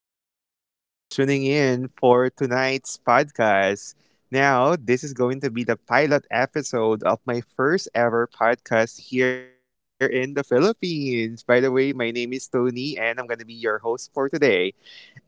Thank you so much for tuning in for tonight's podcast. Now, this is going to be the pilot episode of my first ever podcast here in the Philippines. By the way, my name is Tony, and I'm going to be your host for today.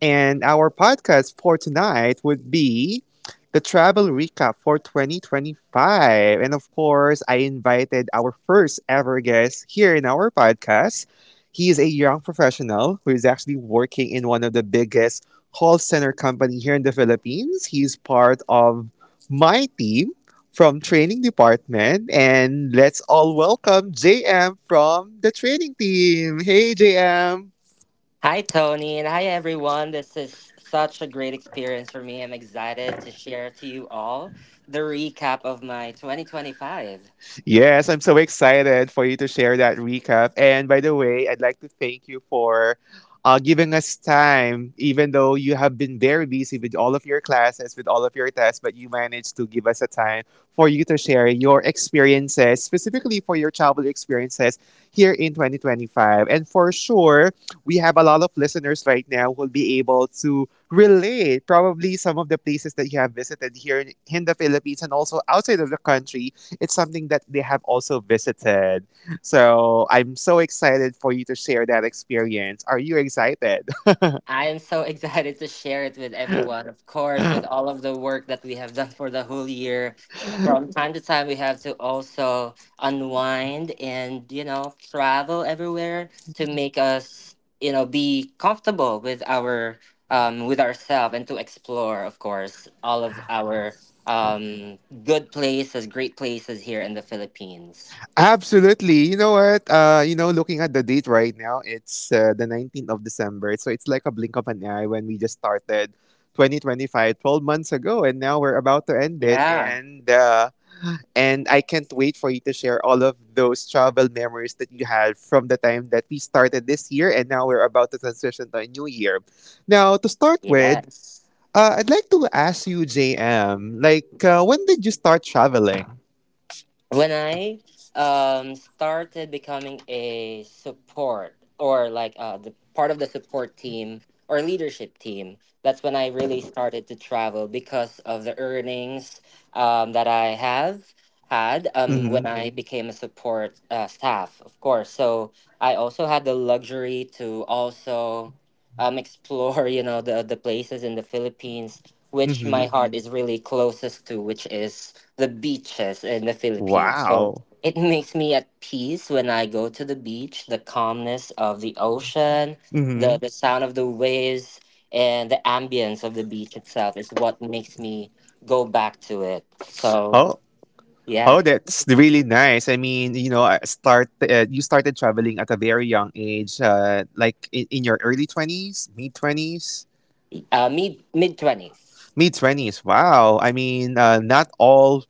And our podcast for tonight would be the travel recap for 2025. And of course, I invited our first ever guest here in our podcast. He is a young professional who is actually working in one of the biggest call center company here in the Philippines. He's part of my team from training department, and let's all welcome JM from the training team. Hey, JM. Hi, Tony, and hi, everyone. This is such a great experience for me. I'm excited to share to you all the recap of my 2025. Yes, I'm so excited for you to share that recap. And by the way, I'd like to thank you for giving us time, even though you have been very busy with all of your classes, with all of your tests, but you managed to give us a time for you to share your experiences, specifically for your childhood experiences here in 2025. And for sure, we have a lot of listeners right now who'll be able to relate probably some of the places that you have visited here in the Philippines and also outside of the country. It's something that they have also visited. So I'm so excited for you to share that experience. Are you excited? I am so excited to share it with everyone, of course, with all of the work that we have done for the whole year. From time to time, we have to also unwind and, travel everywhere to make us be comfortable with our. With ourselves and to explore, of course, all of our um, good places, great places here in the Philippines. Absolutely. You know what? Looking at the date right now, it's the 19th of December. So it's like a blink of an eye when we just started 2025 12 months ago and now we're about to end it, Yeah. and I can't wait for you to share all of those travel memories that you had from the time that we started this year and now we're about to transition to a new year. Now, to start with, Yes. I'd like to ask you, JM, like, when did you start traveling? When I started becoming a support or like the part of the support team or leadership team, that's when I really started to travel because of the earnings that I have had Mm-hmm. when I Mhm. became a support staff, of course. So I also had the luxury to also explore, the places in the Philippines which my Mm-hmm. heart Mhm. is really closest to, which is the beaches in the Philippines. So Wow. it makes me at peace when I go to the beach, the calmness of the ocean, the, Mm-hmm. the sound of the waves, and the ambience of the beach itself is what makes me go back to it. So, Oh, oh, yeah, that's really nice. I mean, you started traveling at a very young age, like in your early 20s, mid twenties, me mid 20s. mid twenties. Wow. I mean, not all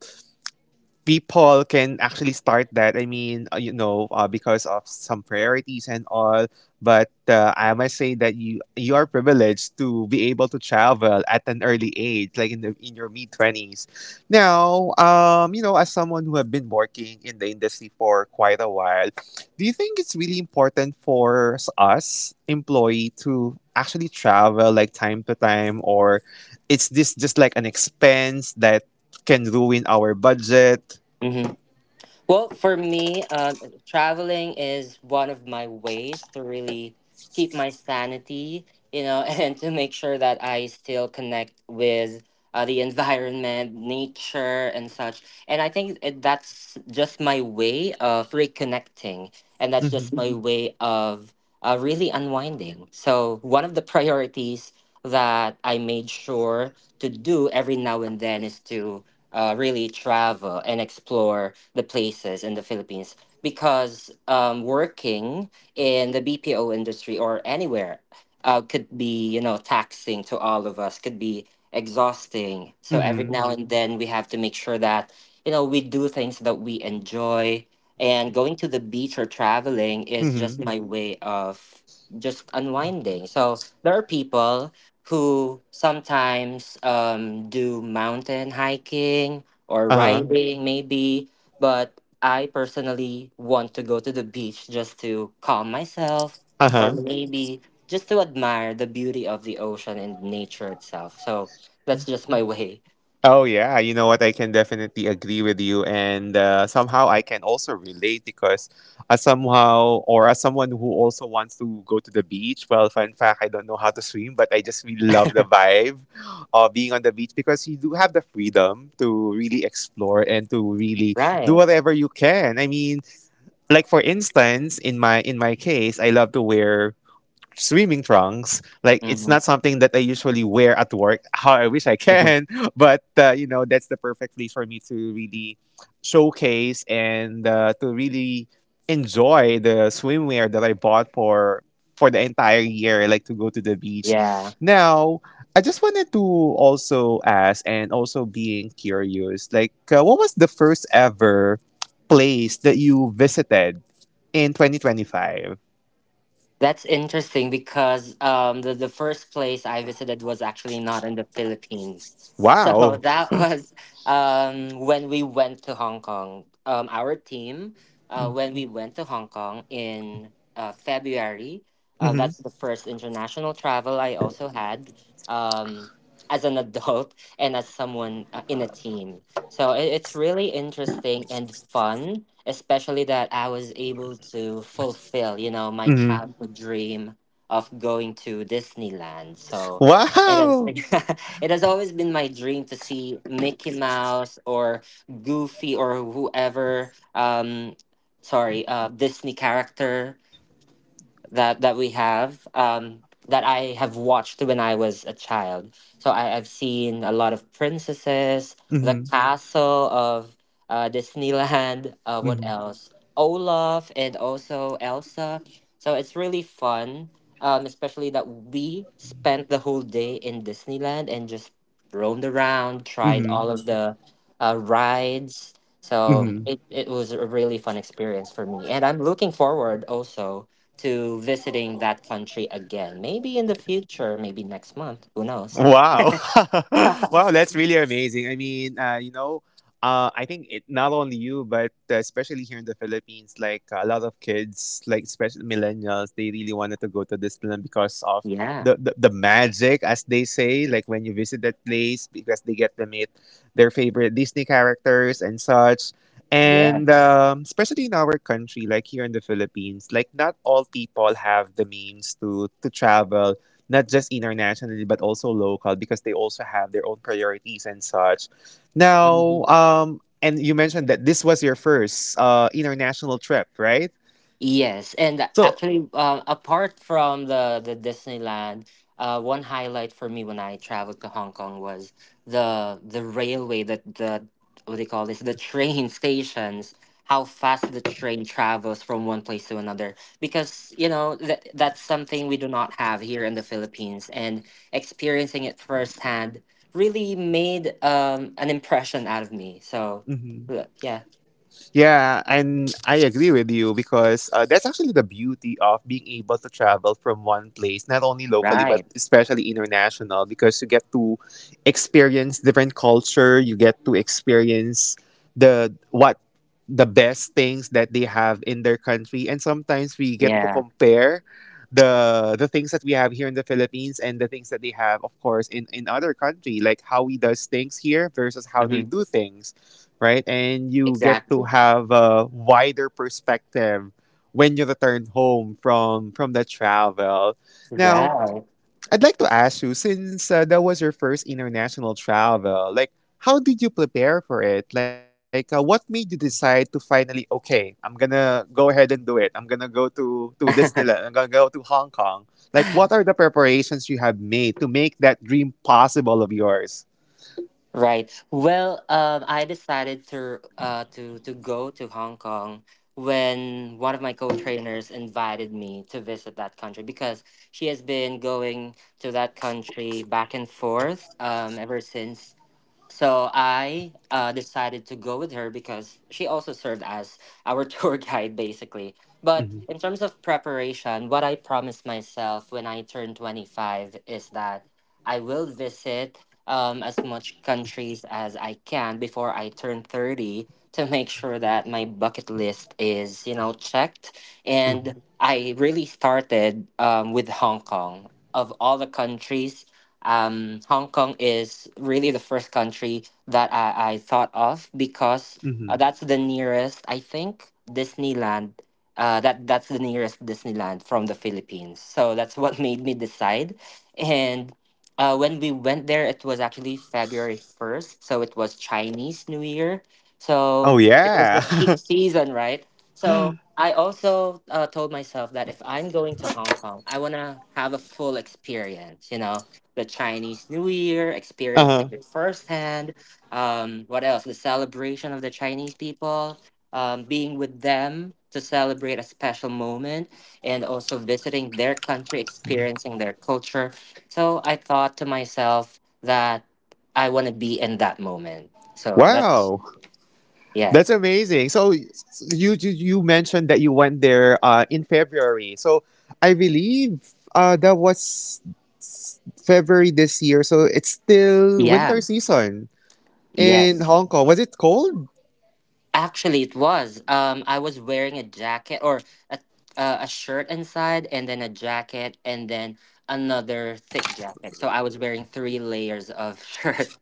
people can actually start that. I mean, because of some priorities and all. But I must say that you are privileged to be able to travel at an early age, like in your mid twenties. Now, as someone who have been working in the industry for quite a while, do you think it's really important for us employee to actually travel like time to time, or it's this just like an expense that can ruin our budget? Well, for me, traveling is one of my ways to really keep my sanity, and to make sure that I still connect with the environment, nature, and such. And I think that's just my way of reconnecting. And that's Mhm. just my Mhm. way of really unwinding. So, one of the priorities that I made sure to do every now and then is to really travel and explore the places in the Philippines because working in the BPO industry or anywhere could be taxing to all of us, could be exhausting. So every Mhm. now and then we have to make sure that we do things that we enjoy. And going to the beach or traveling is just Mhm. my way of just unwinding. So there are people who sometimes do mountain hiking or Uh-huh. riding, maybe. But I personally want to go to the beach just to calm myself, or Uh-huh. maybe just to admire the beauty of the ocean and nature itself. So that's just my way. Oh yeah, you know what? I can definitely agree with you, and somehow I can also relate because, as somehow or as someone who also wants to go to the beach. Well, fun fact, I don't know how to swim, but I just really love the vibe of being on the beach because you do have the freedom to really explore and to really do Right. whatever you can. I mean, like for instance, in my case, I love to wear swimming trunks. Like it's Mm-hmm. not something that I usually wear at work. How I wish I can, but that's the perfect place for me to really showcase and to really enjoy the swimwear that I bought for the entire year. Like to go to the beach. Yeah. Now, I just wanted to also ask and also being curious. Like what was the first ever place that you visited in 2025? That's interesting because the first place I visited was actually not in the Philippines. So Wow. that was when we went to Hong Kong. When we went to Hong Kong in February, Mhm. that's the first international travel I also had um, as an adult and as someone in a team. So it's really interesting and fun especially that I was able to fulfill, my Mm-hmm. childhood dream of going to Disneyland. So it has Wow. it has always been my dream to see Mickey Mouse or Goofy or Disney character that we have that I have watched when I was a child. So I've seen a lot of princesses, the Mm-hmm. castle of Disneyland. What Mm-hmm. else? Olaf and also Elsa. So it's really fun, especially that we spent the whole day in Disneyland and just roamed around, tried Mm-hmm. all of the rides. So Mm-hmm. it was a really fun experience for me. And I'm looking forward also to visiting that country again. Maybe in the future, maybe next month. Who knows? Wow. Wow, that's really amazing. I mean, I think it, not only you, but especially here in the Philippines, like a lot of kids, like especially millennials, they really wanted to go to Disneyland because of Yeah. the magic, as they say, like when you visit that place, because they get to meet their favorite Disney characters and such. And Yes. Especially in our country, like here in the Philippines, like not all people have the means to travel not just internationally but also local because they also have their own priorities and such. Mm-hmm. Now, and you mentioned that this was your first international trip, right? Yes, and So. actually, apart from the Disneyland, one highlight for me when I traveled to Hong Kong was the railway. That the what do you call this? The train stations. How fast the train travels from one place to another, because you know that that's something we do not have here in the Philippines, and experiencing it firsthand really made an impression out of me. So, Mm-hmm. Yeah, Yeah, and I agree with you because that's actually the beauty of being able to travel from one place, not only locally but right, especially international, because you get to experience different culture. You get to experience the what the best things that they have in their country, and sometimes we get to yeah, compare the things that we have here in the Philippines and the things that they have, of course, in other country, like how we does things here versus how they hmm, do things, right? And you get to exactly. have a wider perspective when you return home from the travel. Now, Right. I'd like to ask you, since that was your first international travel, like how did you prepare for it? Like, what made you decide to finally, okay, I'm gonna go ahead and do it. I'm gonna go to Disneyland. I'm gonna go to Hong Kong. Like, what are the preparations you have made to make that dream possible of yours? Right. Well, I decided to go to Hong Kong when one of my co-trainers invited me to visit that country because she has been going to that country back and forth ever since. So I decided to go with her because she also served as our tour guide, basically. But Hmm. in terms of preparation, what I promised myself when I turned 25 is that I will visit as much countries as I can before I turn 30 to make sure that my bucket list is checked. And I really started with Hong Kong. Of all the countries, Hong Kong is really the first country that I thought of because Hmm. that's the nearest, I think, Disneyland. That's the nearest Disneyland from the Philippines, so that's what made me decide. And when we went there, it was actually February 1st, so it was Chinese New Year, Oh so it was yeah. the peak season, right? So I also told myself that if I'm going to Hong Kong, I wanna have a full experience, the Chinese New Year, experiencing Uh-huh. it firsthand. What else? The celebration of the Chinese people, being with them to celebrate a special moment, and also visiting their country, experiencing their culture. So I thought to myself that I want to be in that moment. So that's, Wow, yeah. that's amazing. So you mentioned that you went there in February. So I believe that was February this year. So it's still Yeah. winter season in Yes. Hong Kong. Was it cold? Actually, it was. I was wearing a jacket or a a shirt inside, and then a jacket, and then another thick jacket. So I was wearing three layers of shirt.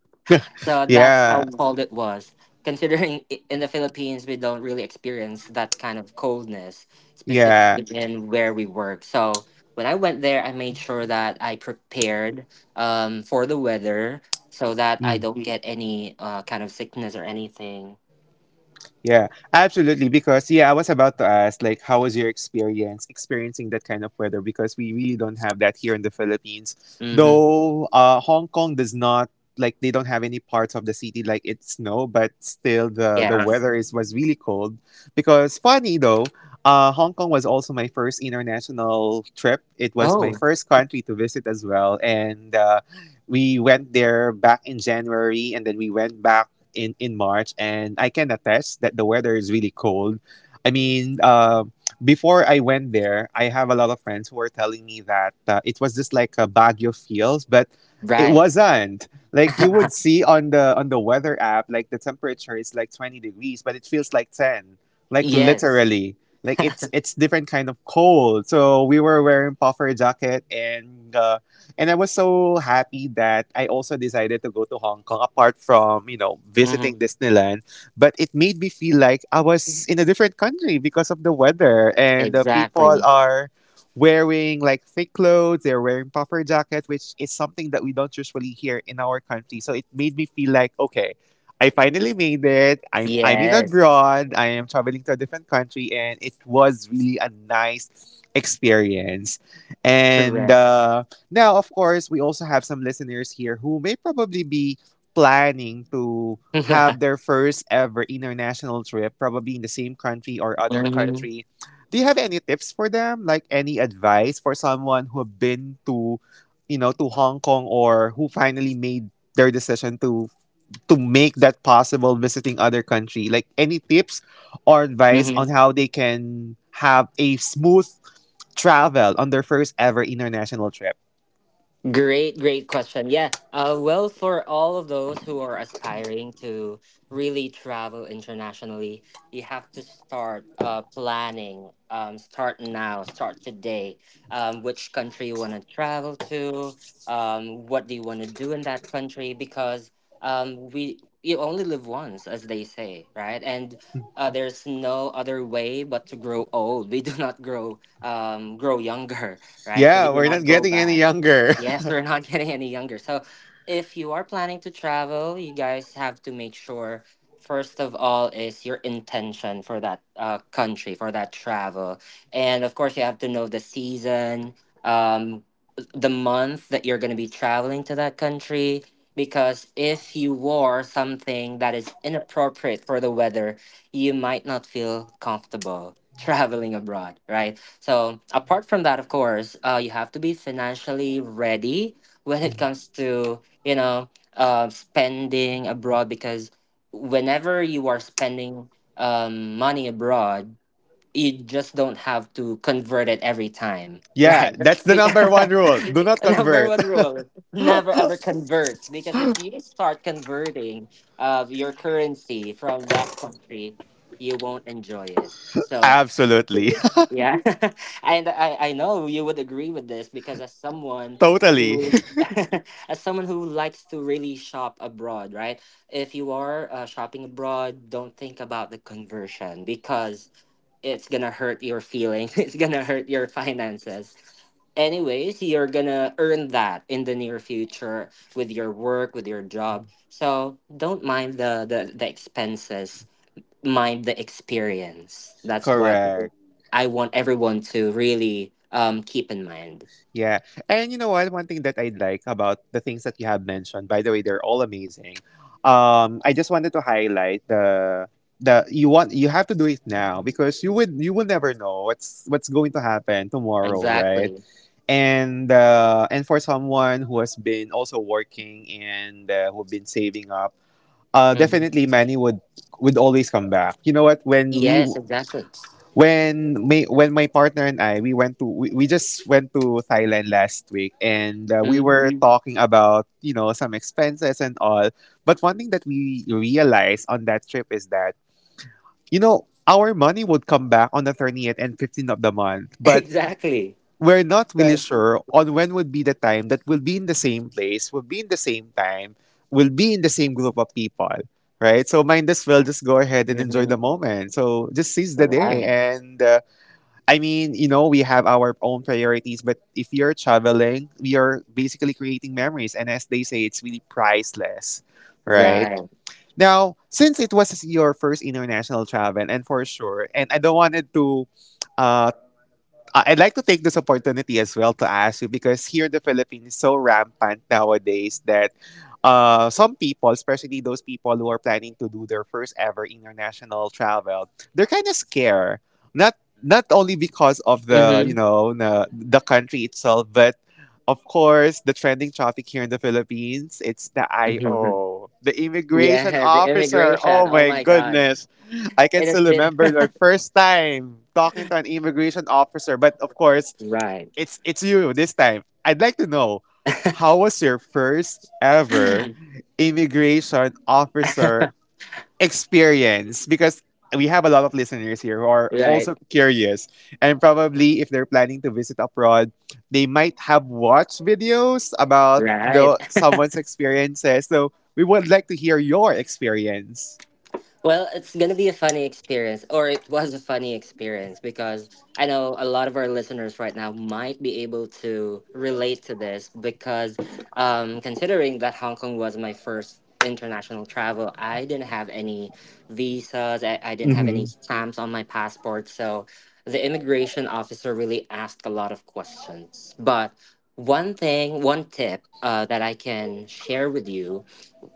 So that's how Yeah, cold it was. Considering in the Philippines, we don't really experience that kind of coldness, yeah. specifically Mhm. in where we work. So when I went there, I made sure that I prepared for the weather so that I Mm. don't get any kind of sickness or anything. Yeah, absolutely. Because yeah, I was about to ask, like, how was your experience experiencing that kind of weather? Because we really don't have that here in the Philippines. Hmm. Though Hong Kong does not, like, they don't have any parts of the city like it snow, but still the Yeah. weather is was really cold. Because funny though, Hong Kong was also my first international trip. It was my Oh, first country to visit as well, and we went there back in January, and then we went back in March, and I can attest that the weather is really cold. I mean, before I went there, I have a lot of friends who were telling me that it was just like a Baguio feels, but it right. wasn't. Like you would see on the weather app, like the temperature is like 20 degrees, but it feels like ten. Like Yes. literally, like it's different kind of cold. So we were wearing puffer jacket, and I was so happy that I also decided to go to Hong Kong apart from, Hmm. visiting Disneyland. But it made me feel like I was in a different country because of the weather. And the people Exactly. are wearing like thick clothes, they're wearing puffer jackets, which is something that we don't usually hear in our country. So it made me feel like, okay, I finally made it. I'm in Yes. abroad. I am traveling to a different country, and it was really a nice experience. And Correct. Now, of course, we also have some listeners here who may probably be planning to have their first ever international trip, probably in the same country or other Hmm. country. Do you have any tips for them? Like any advice for someone who have been to, to Hong Kong or who finally made their decision to make that possible visiting other country? Like any tips or advice on Hmm. how they can have a smooth travel on their first ever international trip? Great, great question. Yeah. Well, for all of those who are aspiring to really travel internationally, you have to start planning. Start now, start today. Which country you want to travel to? What do you want to do in that country? Because we you only live once, as they say, right? And there's no other way but to grow old. We do not grow younger, right? So we Yeah, do we're not not go getting any back. younger. Yes, we're not getting any younger. So, if you are planning to travel, you guys have to make sure first of all is your intention for that country for that travel, and of course you have to know the season, um, the month that you're going to be traveling to that country. Because if you wore something that is inappropriate for the weather, you might not feel comfortable traveling abroad, right? So, apart from that, of course, you have to be financially ready when it comes to spending abroad because whenever you are spending money abroad, you just don't have to convert it every time, Yeah, right? that's the Because number one rule. Do not number convert. one rule, never ever convert because if you start converting your currency from that country, you won't enjoy it. So. Absolutely. Yeah, and I know you would agree with this because as someone, Totally. as someone who likes to really shop abroad, right? If you are shopping abroad, don't think about the conversion because it's gonna hurt your feelings. It's gonna hurt your finances. Anyways, you're gonna earn that in the near future with your work, with your job. So don't mind the expenses, mind the experience. That's what Correct. I want everyone to really keep in mind. Yeah. And you know what? One thing that I'd like about the things that you have mentioned, by the way, they're all amazing. I just wanted to highlight the you have to do it now because you will never know what's going to happen tomorrow, right? Exactly. And for someone who has been also working and who've been saving up. Uh, Mhm. definitely, Manny would always come back. You know what? When we Yes, exactly. When my partner and I we just went to Thailand last week, and we were Mhm. talking about some expenses and all. But one thing that we realized on that trip is that our money would come back on the 30th and 15th of the month, but Exactly. we're not really So, sure on when would be the time that we'll be in the same place, we'll be in the same time, we'll be in the same group of people, right? So might as well just go ahead and enjoy the Mhm. moment. So just seize the day. Right. And I mean, we have our own priorities, but if you're traveling, we are basically creating memories. And as they say, it's really priceless, right? Right. Now, since it was your first international travel, and for sure, and I don't wanted to uh, I'd like to take this opportunity as well to ask you because here in the Philippines is so rampant nowadays that some people, especially those people who are planning to do their first ever international travel, they're kind of scared. Not not only because of the Hmm. you know na, the country itself, but of course the trending topic here in the Philippines. It's the Hmm. IO, the immigration Yeah, the officer. immigration. Oh Oh my my God. goodness! I can It has still been. remember my first time talking to an immigration officer, but of course, Right. it's you this time. I'd like to know how was your first ever immigration officer experience? Because we have a lot of listeners here who are Right. also curious, and probably if they're planning to visit abroad, they might have watched videos about Right. the someone's experiences. So we would like to hear your experience. Well, it's gonna be a funny experience, or it was a funny experience because I know a lot of our listeners right now might be able to relate to this because, considering that Hong Kong was my first international travel, I didn't have any visas, I didn't have any Mm-hmm. stamps on my passport, so the immigration officer really asked a lot of questions. But one thing, one tip that I can share with you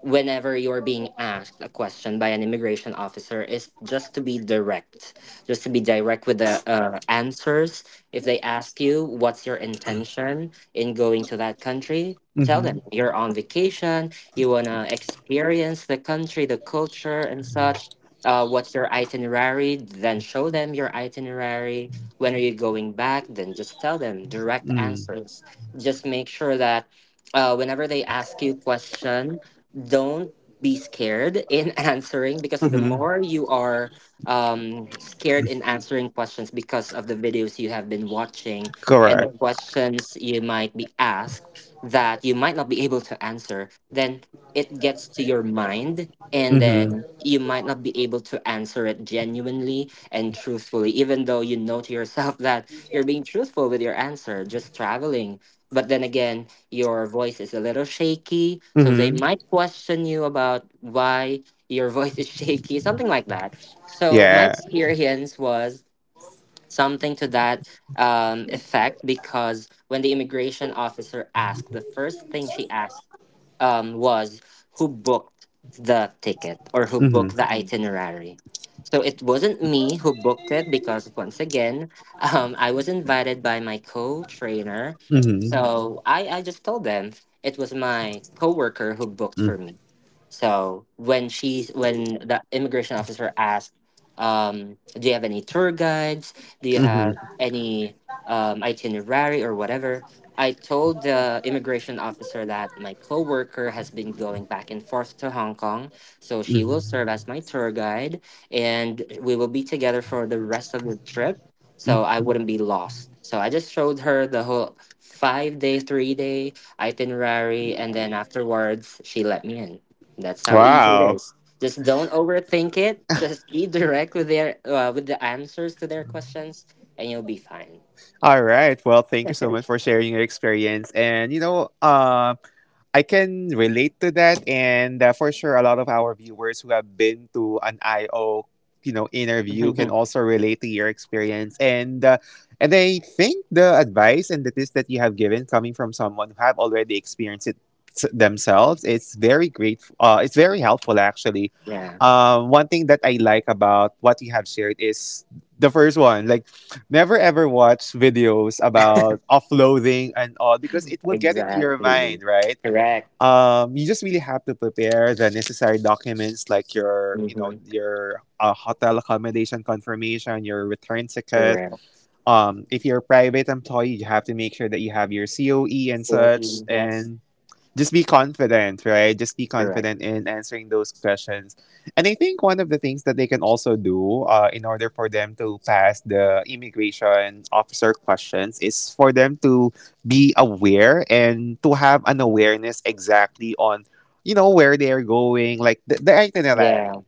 whenever you're being asked a question by an immigration officer is just to be direct, with the answers. If they ask you what's your intention in going to that country, tell Mm-hmm. them you're on vacation. You want to experience the country, the culture, and such. What's your itinerary? Then show them your itinerary. When are you going back? Then just tell them direct answers. Just make sure that whenever they ask you question, don't be scared in answering, because the Hmm. more you are scared in answering questions because of the videos you have been watching and the Correct. questions you might be asked that you might not be able to answer, then it gets to your mind, and Hmm. then you might not be able to answer it genuinely and truthfully, even though you know to yourself that you're being truthful with your answer, just traveling. But then again, your voice is a little shaky. So they Hmm. might question you about why your voice is shaky, something like that. So my Yeah. experience was something to that effect, because when the immigration officer asked, the first thing she asked was who booked the ticket, or who Hmm. booked the, mhm, itinerary. So it wasn't me who booked it because, once again, I was invited by my co-trainer. Mhm. Hmm. So I just told them it was my coworker who booked Hmm. for me. So when the immigration officer asked, do you have any tour guides? Do you have any itinerary or whatever? I told the immigration officer that my coworker has been going back and forth to Hong Kong, so she will serve Hmm. as my tour guide, and we will be together for the rest of the trip, so I wouldn't be lost. So I just showed her the whole 5-day, 3-day itinerary, and then afterwards she let me in. That's how easy it Wow. is. Just don't overthink it. Just be direct with their with the answers to their questions, and you'll be fine. All right. Well, thank you so much for sharing your experience. And I can relate to that, and for sure, a lot of our viewers who have been to an IO, interview can also relate to your experience. And and I think the advice and the tips that you have given, coming from someone who have already experienced it themselves, it's very great. It's very helpful, actually. Yeah, One thing that I like about what you have shared is the first one, like never ever watch videos about offloading and all because it will get into your exactly. mind, right? Correct. You just really have to prepare the necessary documents like your, you know, Mm-hmm. your uh, hotel accommodation confirmation, your return ticket. Correct. If you're a private employee, you have to make sure that you have your COE and So, such. yes. And just be confident, right? Just be Correct. confident in answering those questions. And I think one of the things that they can also do in order for them to pass the immigration officer questions is for them to be aware and to have an awareness exactly on, where they are going, like the Yeah. itinerary,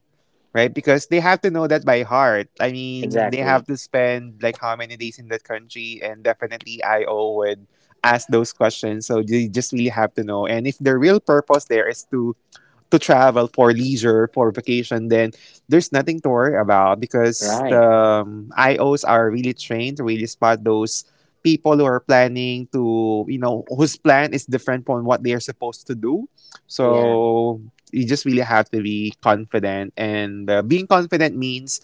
right? Because they have to know that by heart. I mean, they Exactly. have to spend like how many days in that country, and definitely IO would ask those questions. So they just really have to know. And if the real purpose there is to travel for leisure for vacation, then there's nothing to worry about because the Right. Ios are really trained to really spot those people who are planning to whose plan is different from what they are supposed to do. Yeah. So you just really have to be confident, and being confident means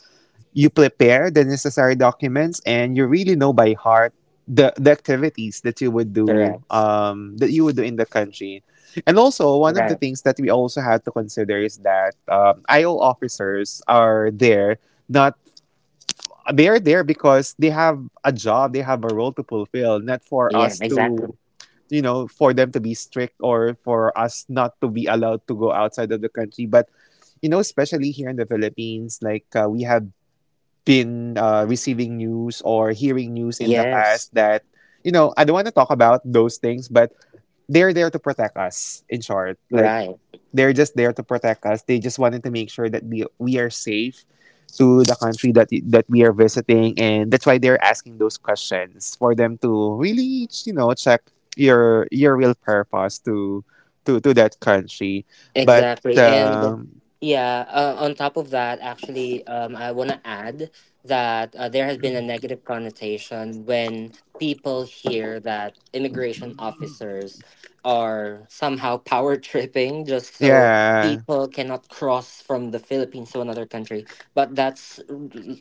you prepare the necessary documents and you really know by heart the activities that you would do Correct. In the country. And also one of the Right. things that we also had to consider is that io officers are there. Not, they are there because they have a job, they have a role to fulfill, not for Yeah. us to Exactly. For them to be strict or for us not to be allowed to go outside of the country. But especially here in the Philippines, like we have been receiving news or hearing news in the Yes. past that I don't want to talk about those things, but they're there to protect us in short. Like, Right. they're just there to protect us, they just wanted to make sure that we are safe to the country that we are visiting. And that's why they're asking those questions, for them to really check your real purpose to that country. But Exactly. And yeah, on top of that, actually, I want to add that there has been a negative connotation when people hear that immigration officers are somehow power tripping just so yeah. people cannot cross from the Philippines to another country. But that's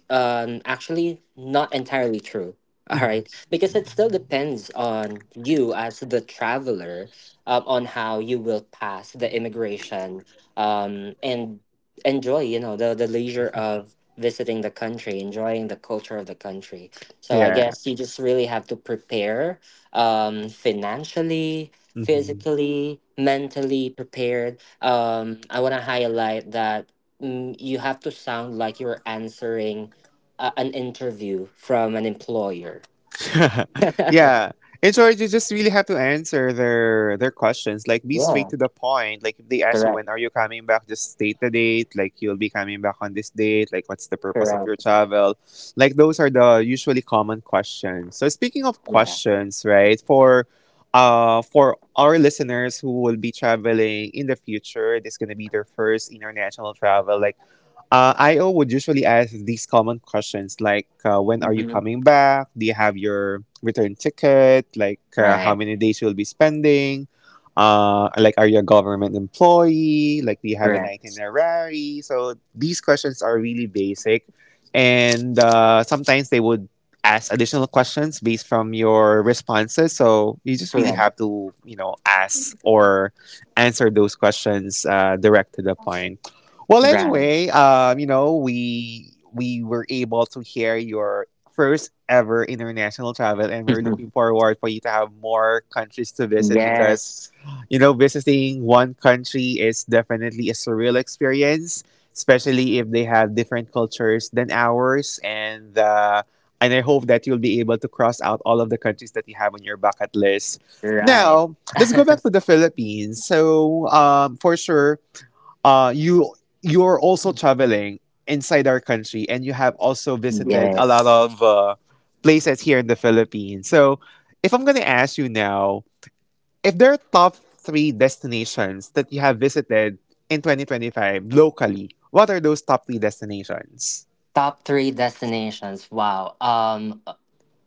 actually not entirely true. All right. Mhm. Because it still depends on you as the traveler, on how you will pass the immigration, and enjoy the, leisure of visiting the country, enjoying the culture of the country. So I Yeah. guess you just really have to prepare financially, Mm-hmm. physically, mentally prepared. I want to highlight that you have to sound like you're answering an interview from an employer. Yeah. And so you just really have to answer their questions. Like, be straight Yeah. to the point. Like, if they ask you Correct. when are you coming back, just state the date. Like, you'll be coming back on this date. Like, what's the purpose of your Correct. travel? Like, those are the usually common questions. So, speaking of Yeah. questions, right? For our listeners who will be traveling in the future, this is gonna be their first international travel. Like, IO would usually ask these common questions like, when are you Hmm. coming back? Do you have your return ticket? Like, how Right. many days you'll be spending? Like, are you a government employee? Like, do you have an Correct. itinerary? So these questions are really basic. And sometimes they would ask additional questions based from your responses. So you just really Correct. have to, ask or answer those questions direct to the point. Well, Right. anyway, we were able to hear your first ever international travel, and we're looking forward for you to have more countries to visit because Yes. you know visiting one country is definitely a surreal experience, especially if they have different cultures than ours, and and I hope that you'll be able to cross out all of the countries that you have on your bucket list. Right. Now, let's go back to the Philippines. So, for sure uh you you're also traveling inside our country, and you have also visited a lot Yes. of places here in the Philippines. So, if I'm going to ask you now, if there are top three destinations that you have visited in 2025 locally, what are those top three destinations? Top three destinations. Wow.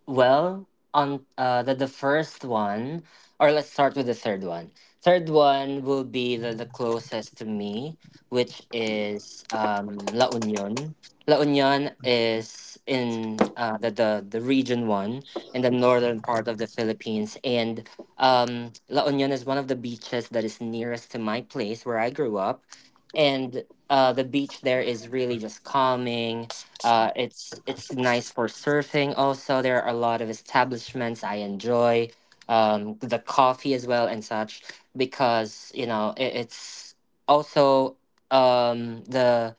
Well, on the, first one, or let's start with the third one. Third one will be the closest to me, which is La Union. La Union is in the region one in the northern part of the Philippines. And La Union is one of the beaches that is nearest to my place where I grew up. And the beach there is really just calming. It's nice for surfing. Also, there are a lot of establishments I enjoy, the coffee as well and such, because you know it's also the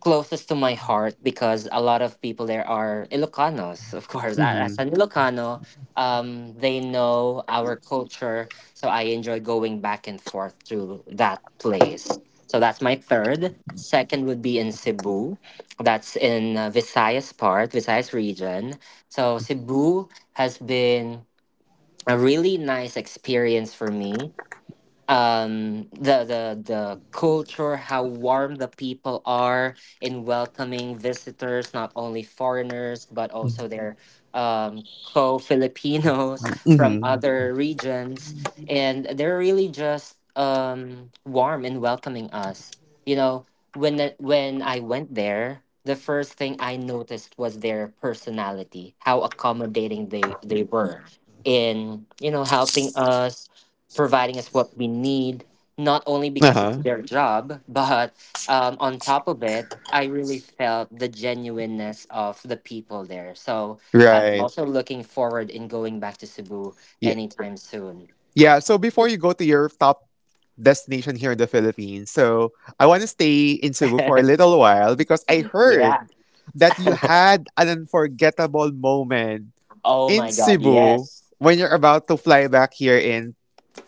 closest to my heart because a lot of people there are Ilocanos, of course. As Mhm. an Ilocano, they know our culture, so I enjoy going back and forth to that place. So that's my third. Second would be in Cebu. That's in Visayas part, Visayas region. So Cebu has been a really nice experience for me. The culture, how warm the people are in welcoming visitors, not only foreigners, but also their co-filipinos, from Mhm. other regions, and they're really just warm in welcoming us you know when I went there, the first thing I noticed was their personality, how accommodating they were in, helping us, providing us what we need, not only Uh-huh. because it's their job, but on top of it, I really felt the genuineness of the people there. So I'm Right. also looking forward in going back to Cebu Yeah. anytime soon. Yeah, so before you go to your top destination here in the Philippines, so I want to stay in Cebu for a little while because I Yeah. heard that you had an unforgettable moment Oh in my God. Cebu Yes. when you're about to fly back here in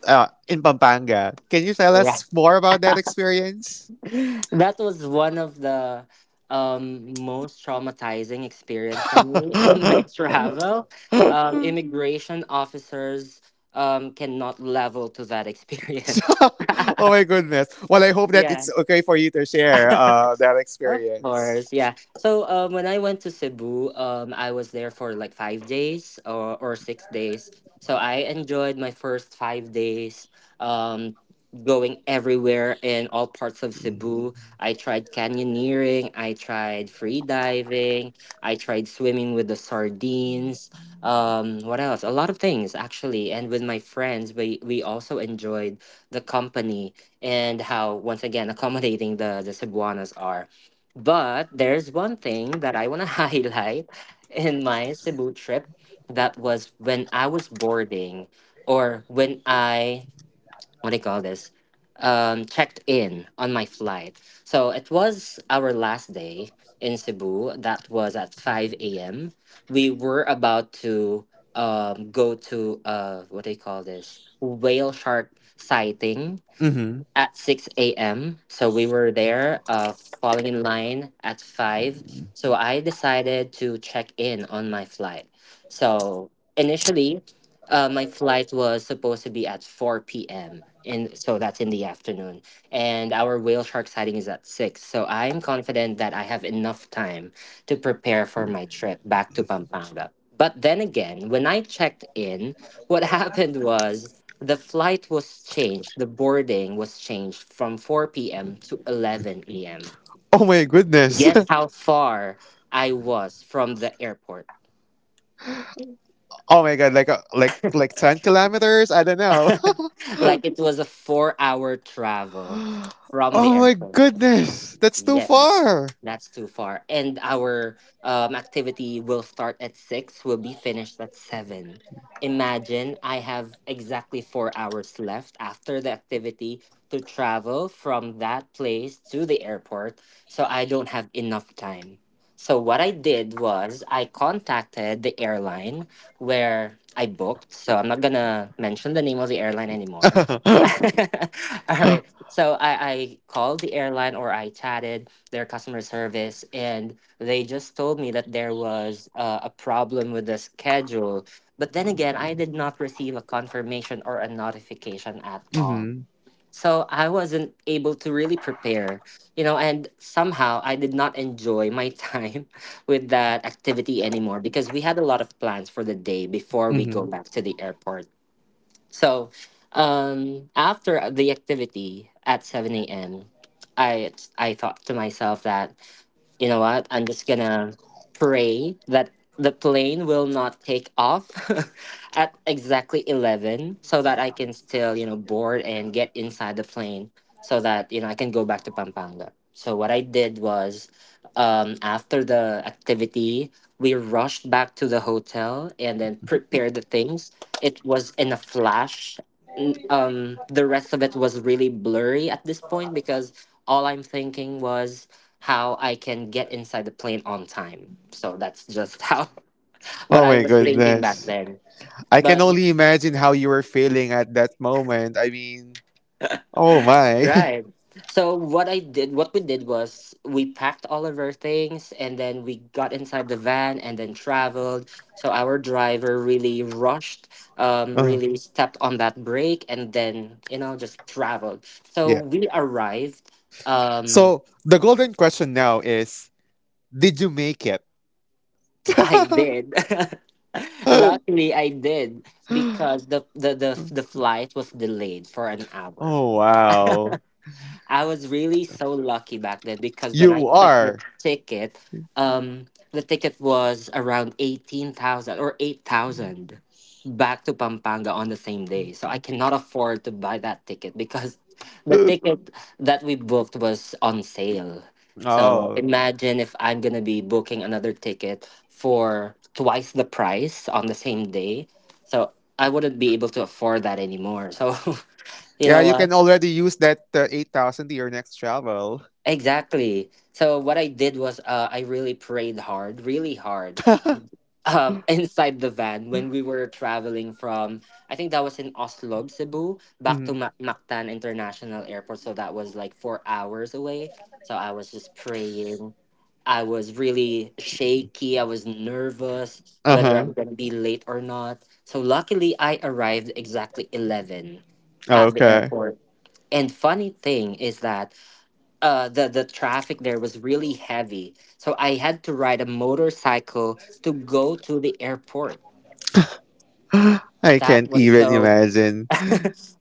uh, in Pampanga. Can you tell Yeah. us more about that experience? That was one of the most traumatizing experience for me in my Oh travel. Immigration officers cannot level to that experience. my goodness. Well, I hope that Yeah. it's okay for you to share that Of experience. course, yeah. So when I went to Cebu, I was there for like 5 days or 6 days. So I enjoyed my first 5 days. Um, going everywhere in all parts of Cebu. I tried canyoneering. I tried free diving. I tried swimming with the sardines. What else? A lot of things actually. And with my friends, we also enjoyed the company, and how once again accommodating the Cebuanos are. But there's one thing that I want to highlight in my Cebu trip. That was when I was boarding, or when I, what do you call this, checked in on my flight. So it was our last day in Cebu. That was at 5 a.m. We were about to go to, what do you call this, whale shark sighting Hmm. at 6 a.m. So we were there, falling in line at 5. So I decided to check in on my flight. So initially, my flight was supposed to be at 4 p.m. And so that's in the afternoon. And our whale shark sighting is at 6. So I'm confident that I have enough time to prepare for my trip back to Pampanga. But then again, when I checked in, what happened was the flight was changed, the boarding was changed from 4 p.m. to 11 a.m. Oh my goodness. Guess how far I was from the airport? Oh my god, like 10 kilometers? I don't know. Like it was a 4-hour travel from the Oh my airport. goodness, that's too Yes, far. that's too far. And our activity will start at six, will be finished at seven. Imagine I have exactly 4 hours left after the activity to travel from that place to the airport, so I don't have enough time. So what I did was I contacted the airline where I booked. So I'm not gonna mention the name of the airline anymore. Mm-hmm. All right. So I called the airline, or I chatted their customer service, and they just told me that there was a problem with the schedule. But then again, I did not receive a confirmation or a notification at all. So I wasn't able to really prepare, and somehow I did not enjoy my time with that activity anymore because we had a lot of plans for the day before we go Mm-hmm. back to the airport. So after the activity at 7 a.m., I I thought to myself that, you know what? I'm just gonna pray that the plane will not take off at exactly 11, so that I can still, board and get inside the plane, so that, I can go back to Pampanga. So what I did was, after the activity, we rushed back to the hotel and then prepared the things. It was in a flash. The rest of it was really blurry at this point because all I'm thinking was how I can get inside the plane on time. So that's just how what Oh I my was thinking back goodness, then. I can But only imagine how you were feeling at that moment. I mean, oh my. right. So what we did was we packed all of our things, and then we got inside the van and then traveled. So our driver really rushed, Uh, really stepped on that brake, and then, just traveled. So yeah. we arrived. Um So the golden question now is: Did you make it? I did. Oh Luckily, I did, because the flight was delayed for an hour. wow, I was really so lucky back then because when I you checked are. Um, the ticket was around 18,000 or 8,000 back to Pampanga on the same day. So I cannot afford to buy that ticket because the ticket that we booked was on sale. So Oh imagine if I'm gonna be booking another ticket for twice the price on the same day. So I wouldn't be able to afford that anymore. So you yeah, know you what? can already use that 8,000 to your next travel. Exactly. So what I did was, I really prayed hard, really hard, inside the van when we were traveling from, I think that was in Oslo, Cebu, back to Hmm. Mactan International Airport. So that was like 4 hours away. So I was just praying. I was really shaky. I was nervous Uh whether huh. I'm gonna be late or not. So luckily, I arrived exactly 11 Oh, at the okay. airport. And funny thing is that the traffic there was really heavy, so I had to ride a motorcycle to go to the airport. I That can't was even so imagine.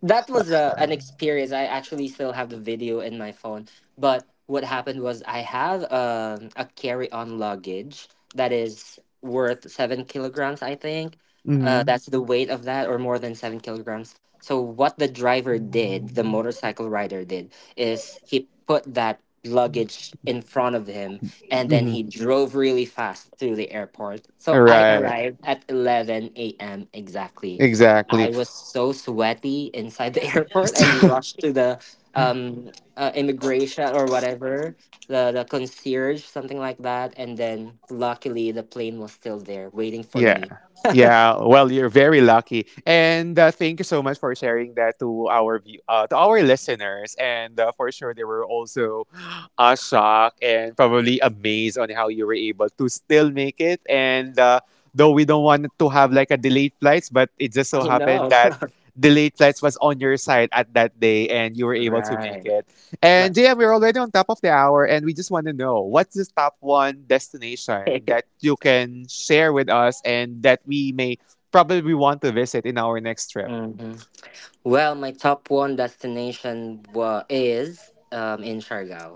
that was a an experience. I actually still have the video in my phone. But what happened was I have a carry-on luggage that is worth 7 kilograms, I think. Mm-hmm. That's the weight of that, or more than 7 kilograms. So what the driver did, the motorcycle rider did, is he put that luggage in front of him and then Mm-hmm. he drove really fast through the airport. So I Right. arrived at 11 a.m. exactly. I Exactly. was so sweaty inside the airport and So, rushed to the immigration or whatever, the concierge, something like that, and then luckily the plane was still there waiting for yeah. me. Yeah. Well, you're very lucky, and thank you so much for sharing that to our to our listeners, and for sure they were also shocked and probably amazed on how you were able to still make it. And though we don't want to have like a delayed flights, but it just so I happened know. that delayed flights was on your side at that day, and you were able to Right. make it. My, And JM, we're already on top of the hour, and we just want to know what's the top one destination that you can share with us, and that we may probably want to visit in our next trip? Mhm. Well, my top one destination is in Siargao.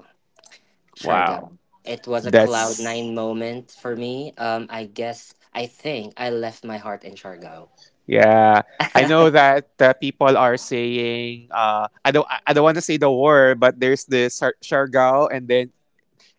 Wow. Siargao. It was a cloud That's, nine moment for me. I guess I think I left my heart in Siargao. yeah. I know that people are saying, I don't want to say the word, but there's the Siargao and then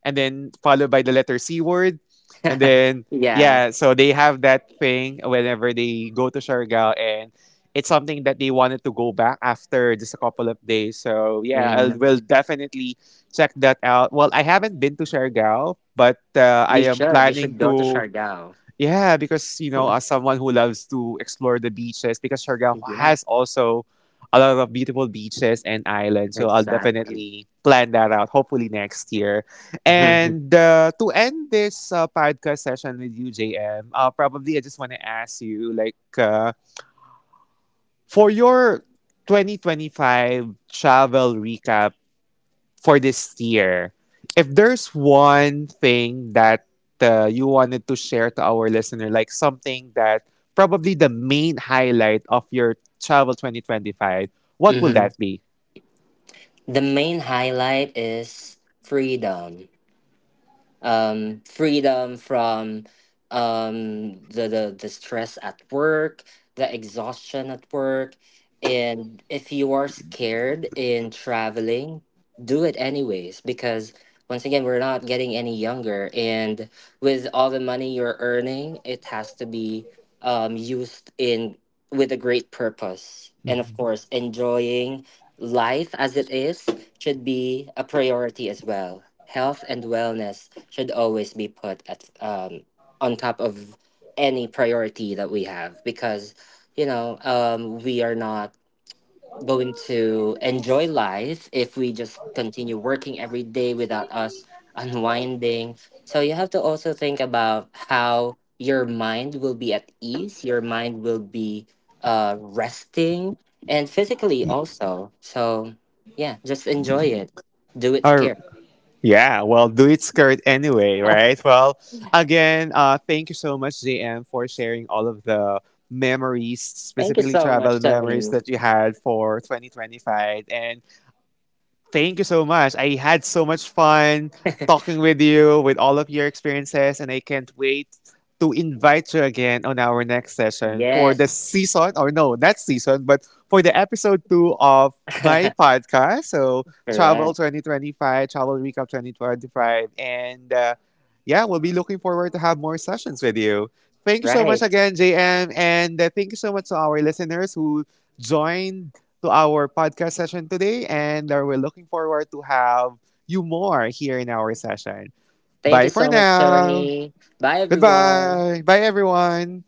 followed by the letter C word. And then, Yeah. yeah, so they have that thing whenever they go to Siargao, and it's something that they wanted to go back after just a couple of days. So, yeah, I Mm. will definitely check that out. Well, I haven't been to Siargao, but You I am should. You planning should go to to. Siargao. Yeah, because as someone who loves to explore the beaches, because Siargao Yeah, has also a lot of beautiful beaches and islands, so I'll exactly. definitely plan that out. Hopefully next year. And to end this podcast session with you, JM, probably I just want to ask you, like, for your 2025 travel recap for this year. If there's one thing that you wanted to share to our listener, like something that probably the main highlight of your travel 2025, what will Hmm. that be? The main highlight is freedom. Freedom from the stress at work, the exhaustion at work. And if you are scared in traveling, do it anyways, because once again we're not getting any younger, and with all the money you're earning, it has to be used in with a great purpose, and of Mhm. course enjoying life as it is should be a priority as well. Health and wellness should always be put at on top of any priority that we have, because we are not going to enjoy life if we just continue working every day without us unwinding. So you have to also think about how your mind will be at ease, your mind will be resting, and physically also. So yeah, just enjoy it. Do it Or scared. yeah, well, do it skirt anyway, right? Well, again, thank you so much, JM, for sharing all of the memories, Thank you specifically so travel much, memories Tony. that you had for 2025. And Thank you so much. I had so much fun talking with you with all of your experiences, and I can't wait to invite you again on our next session for the Yes. season, or no, not season, but for the episode two of my podcast. So, Travel Correct. 2025, Travel Recap 2025. And yeah, we'll be looking forward to have more sessions with you. Thank you so much Right. again, JM. And thank you so much to our listeners who joined to our podcast session today, and we're looking forward to have you more here in our session. Thank you Bye for so much, now. Tony. Bye everyone. Goodbye. Bye, everyone.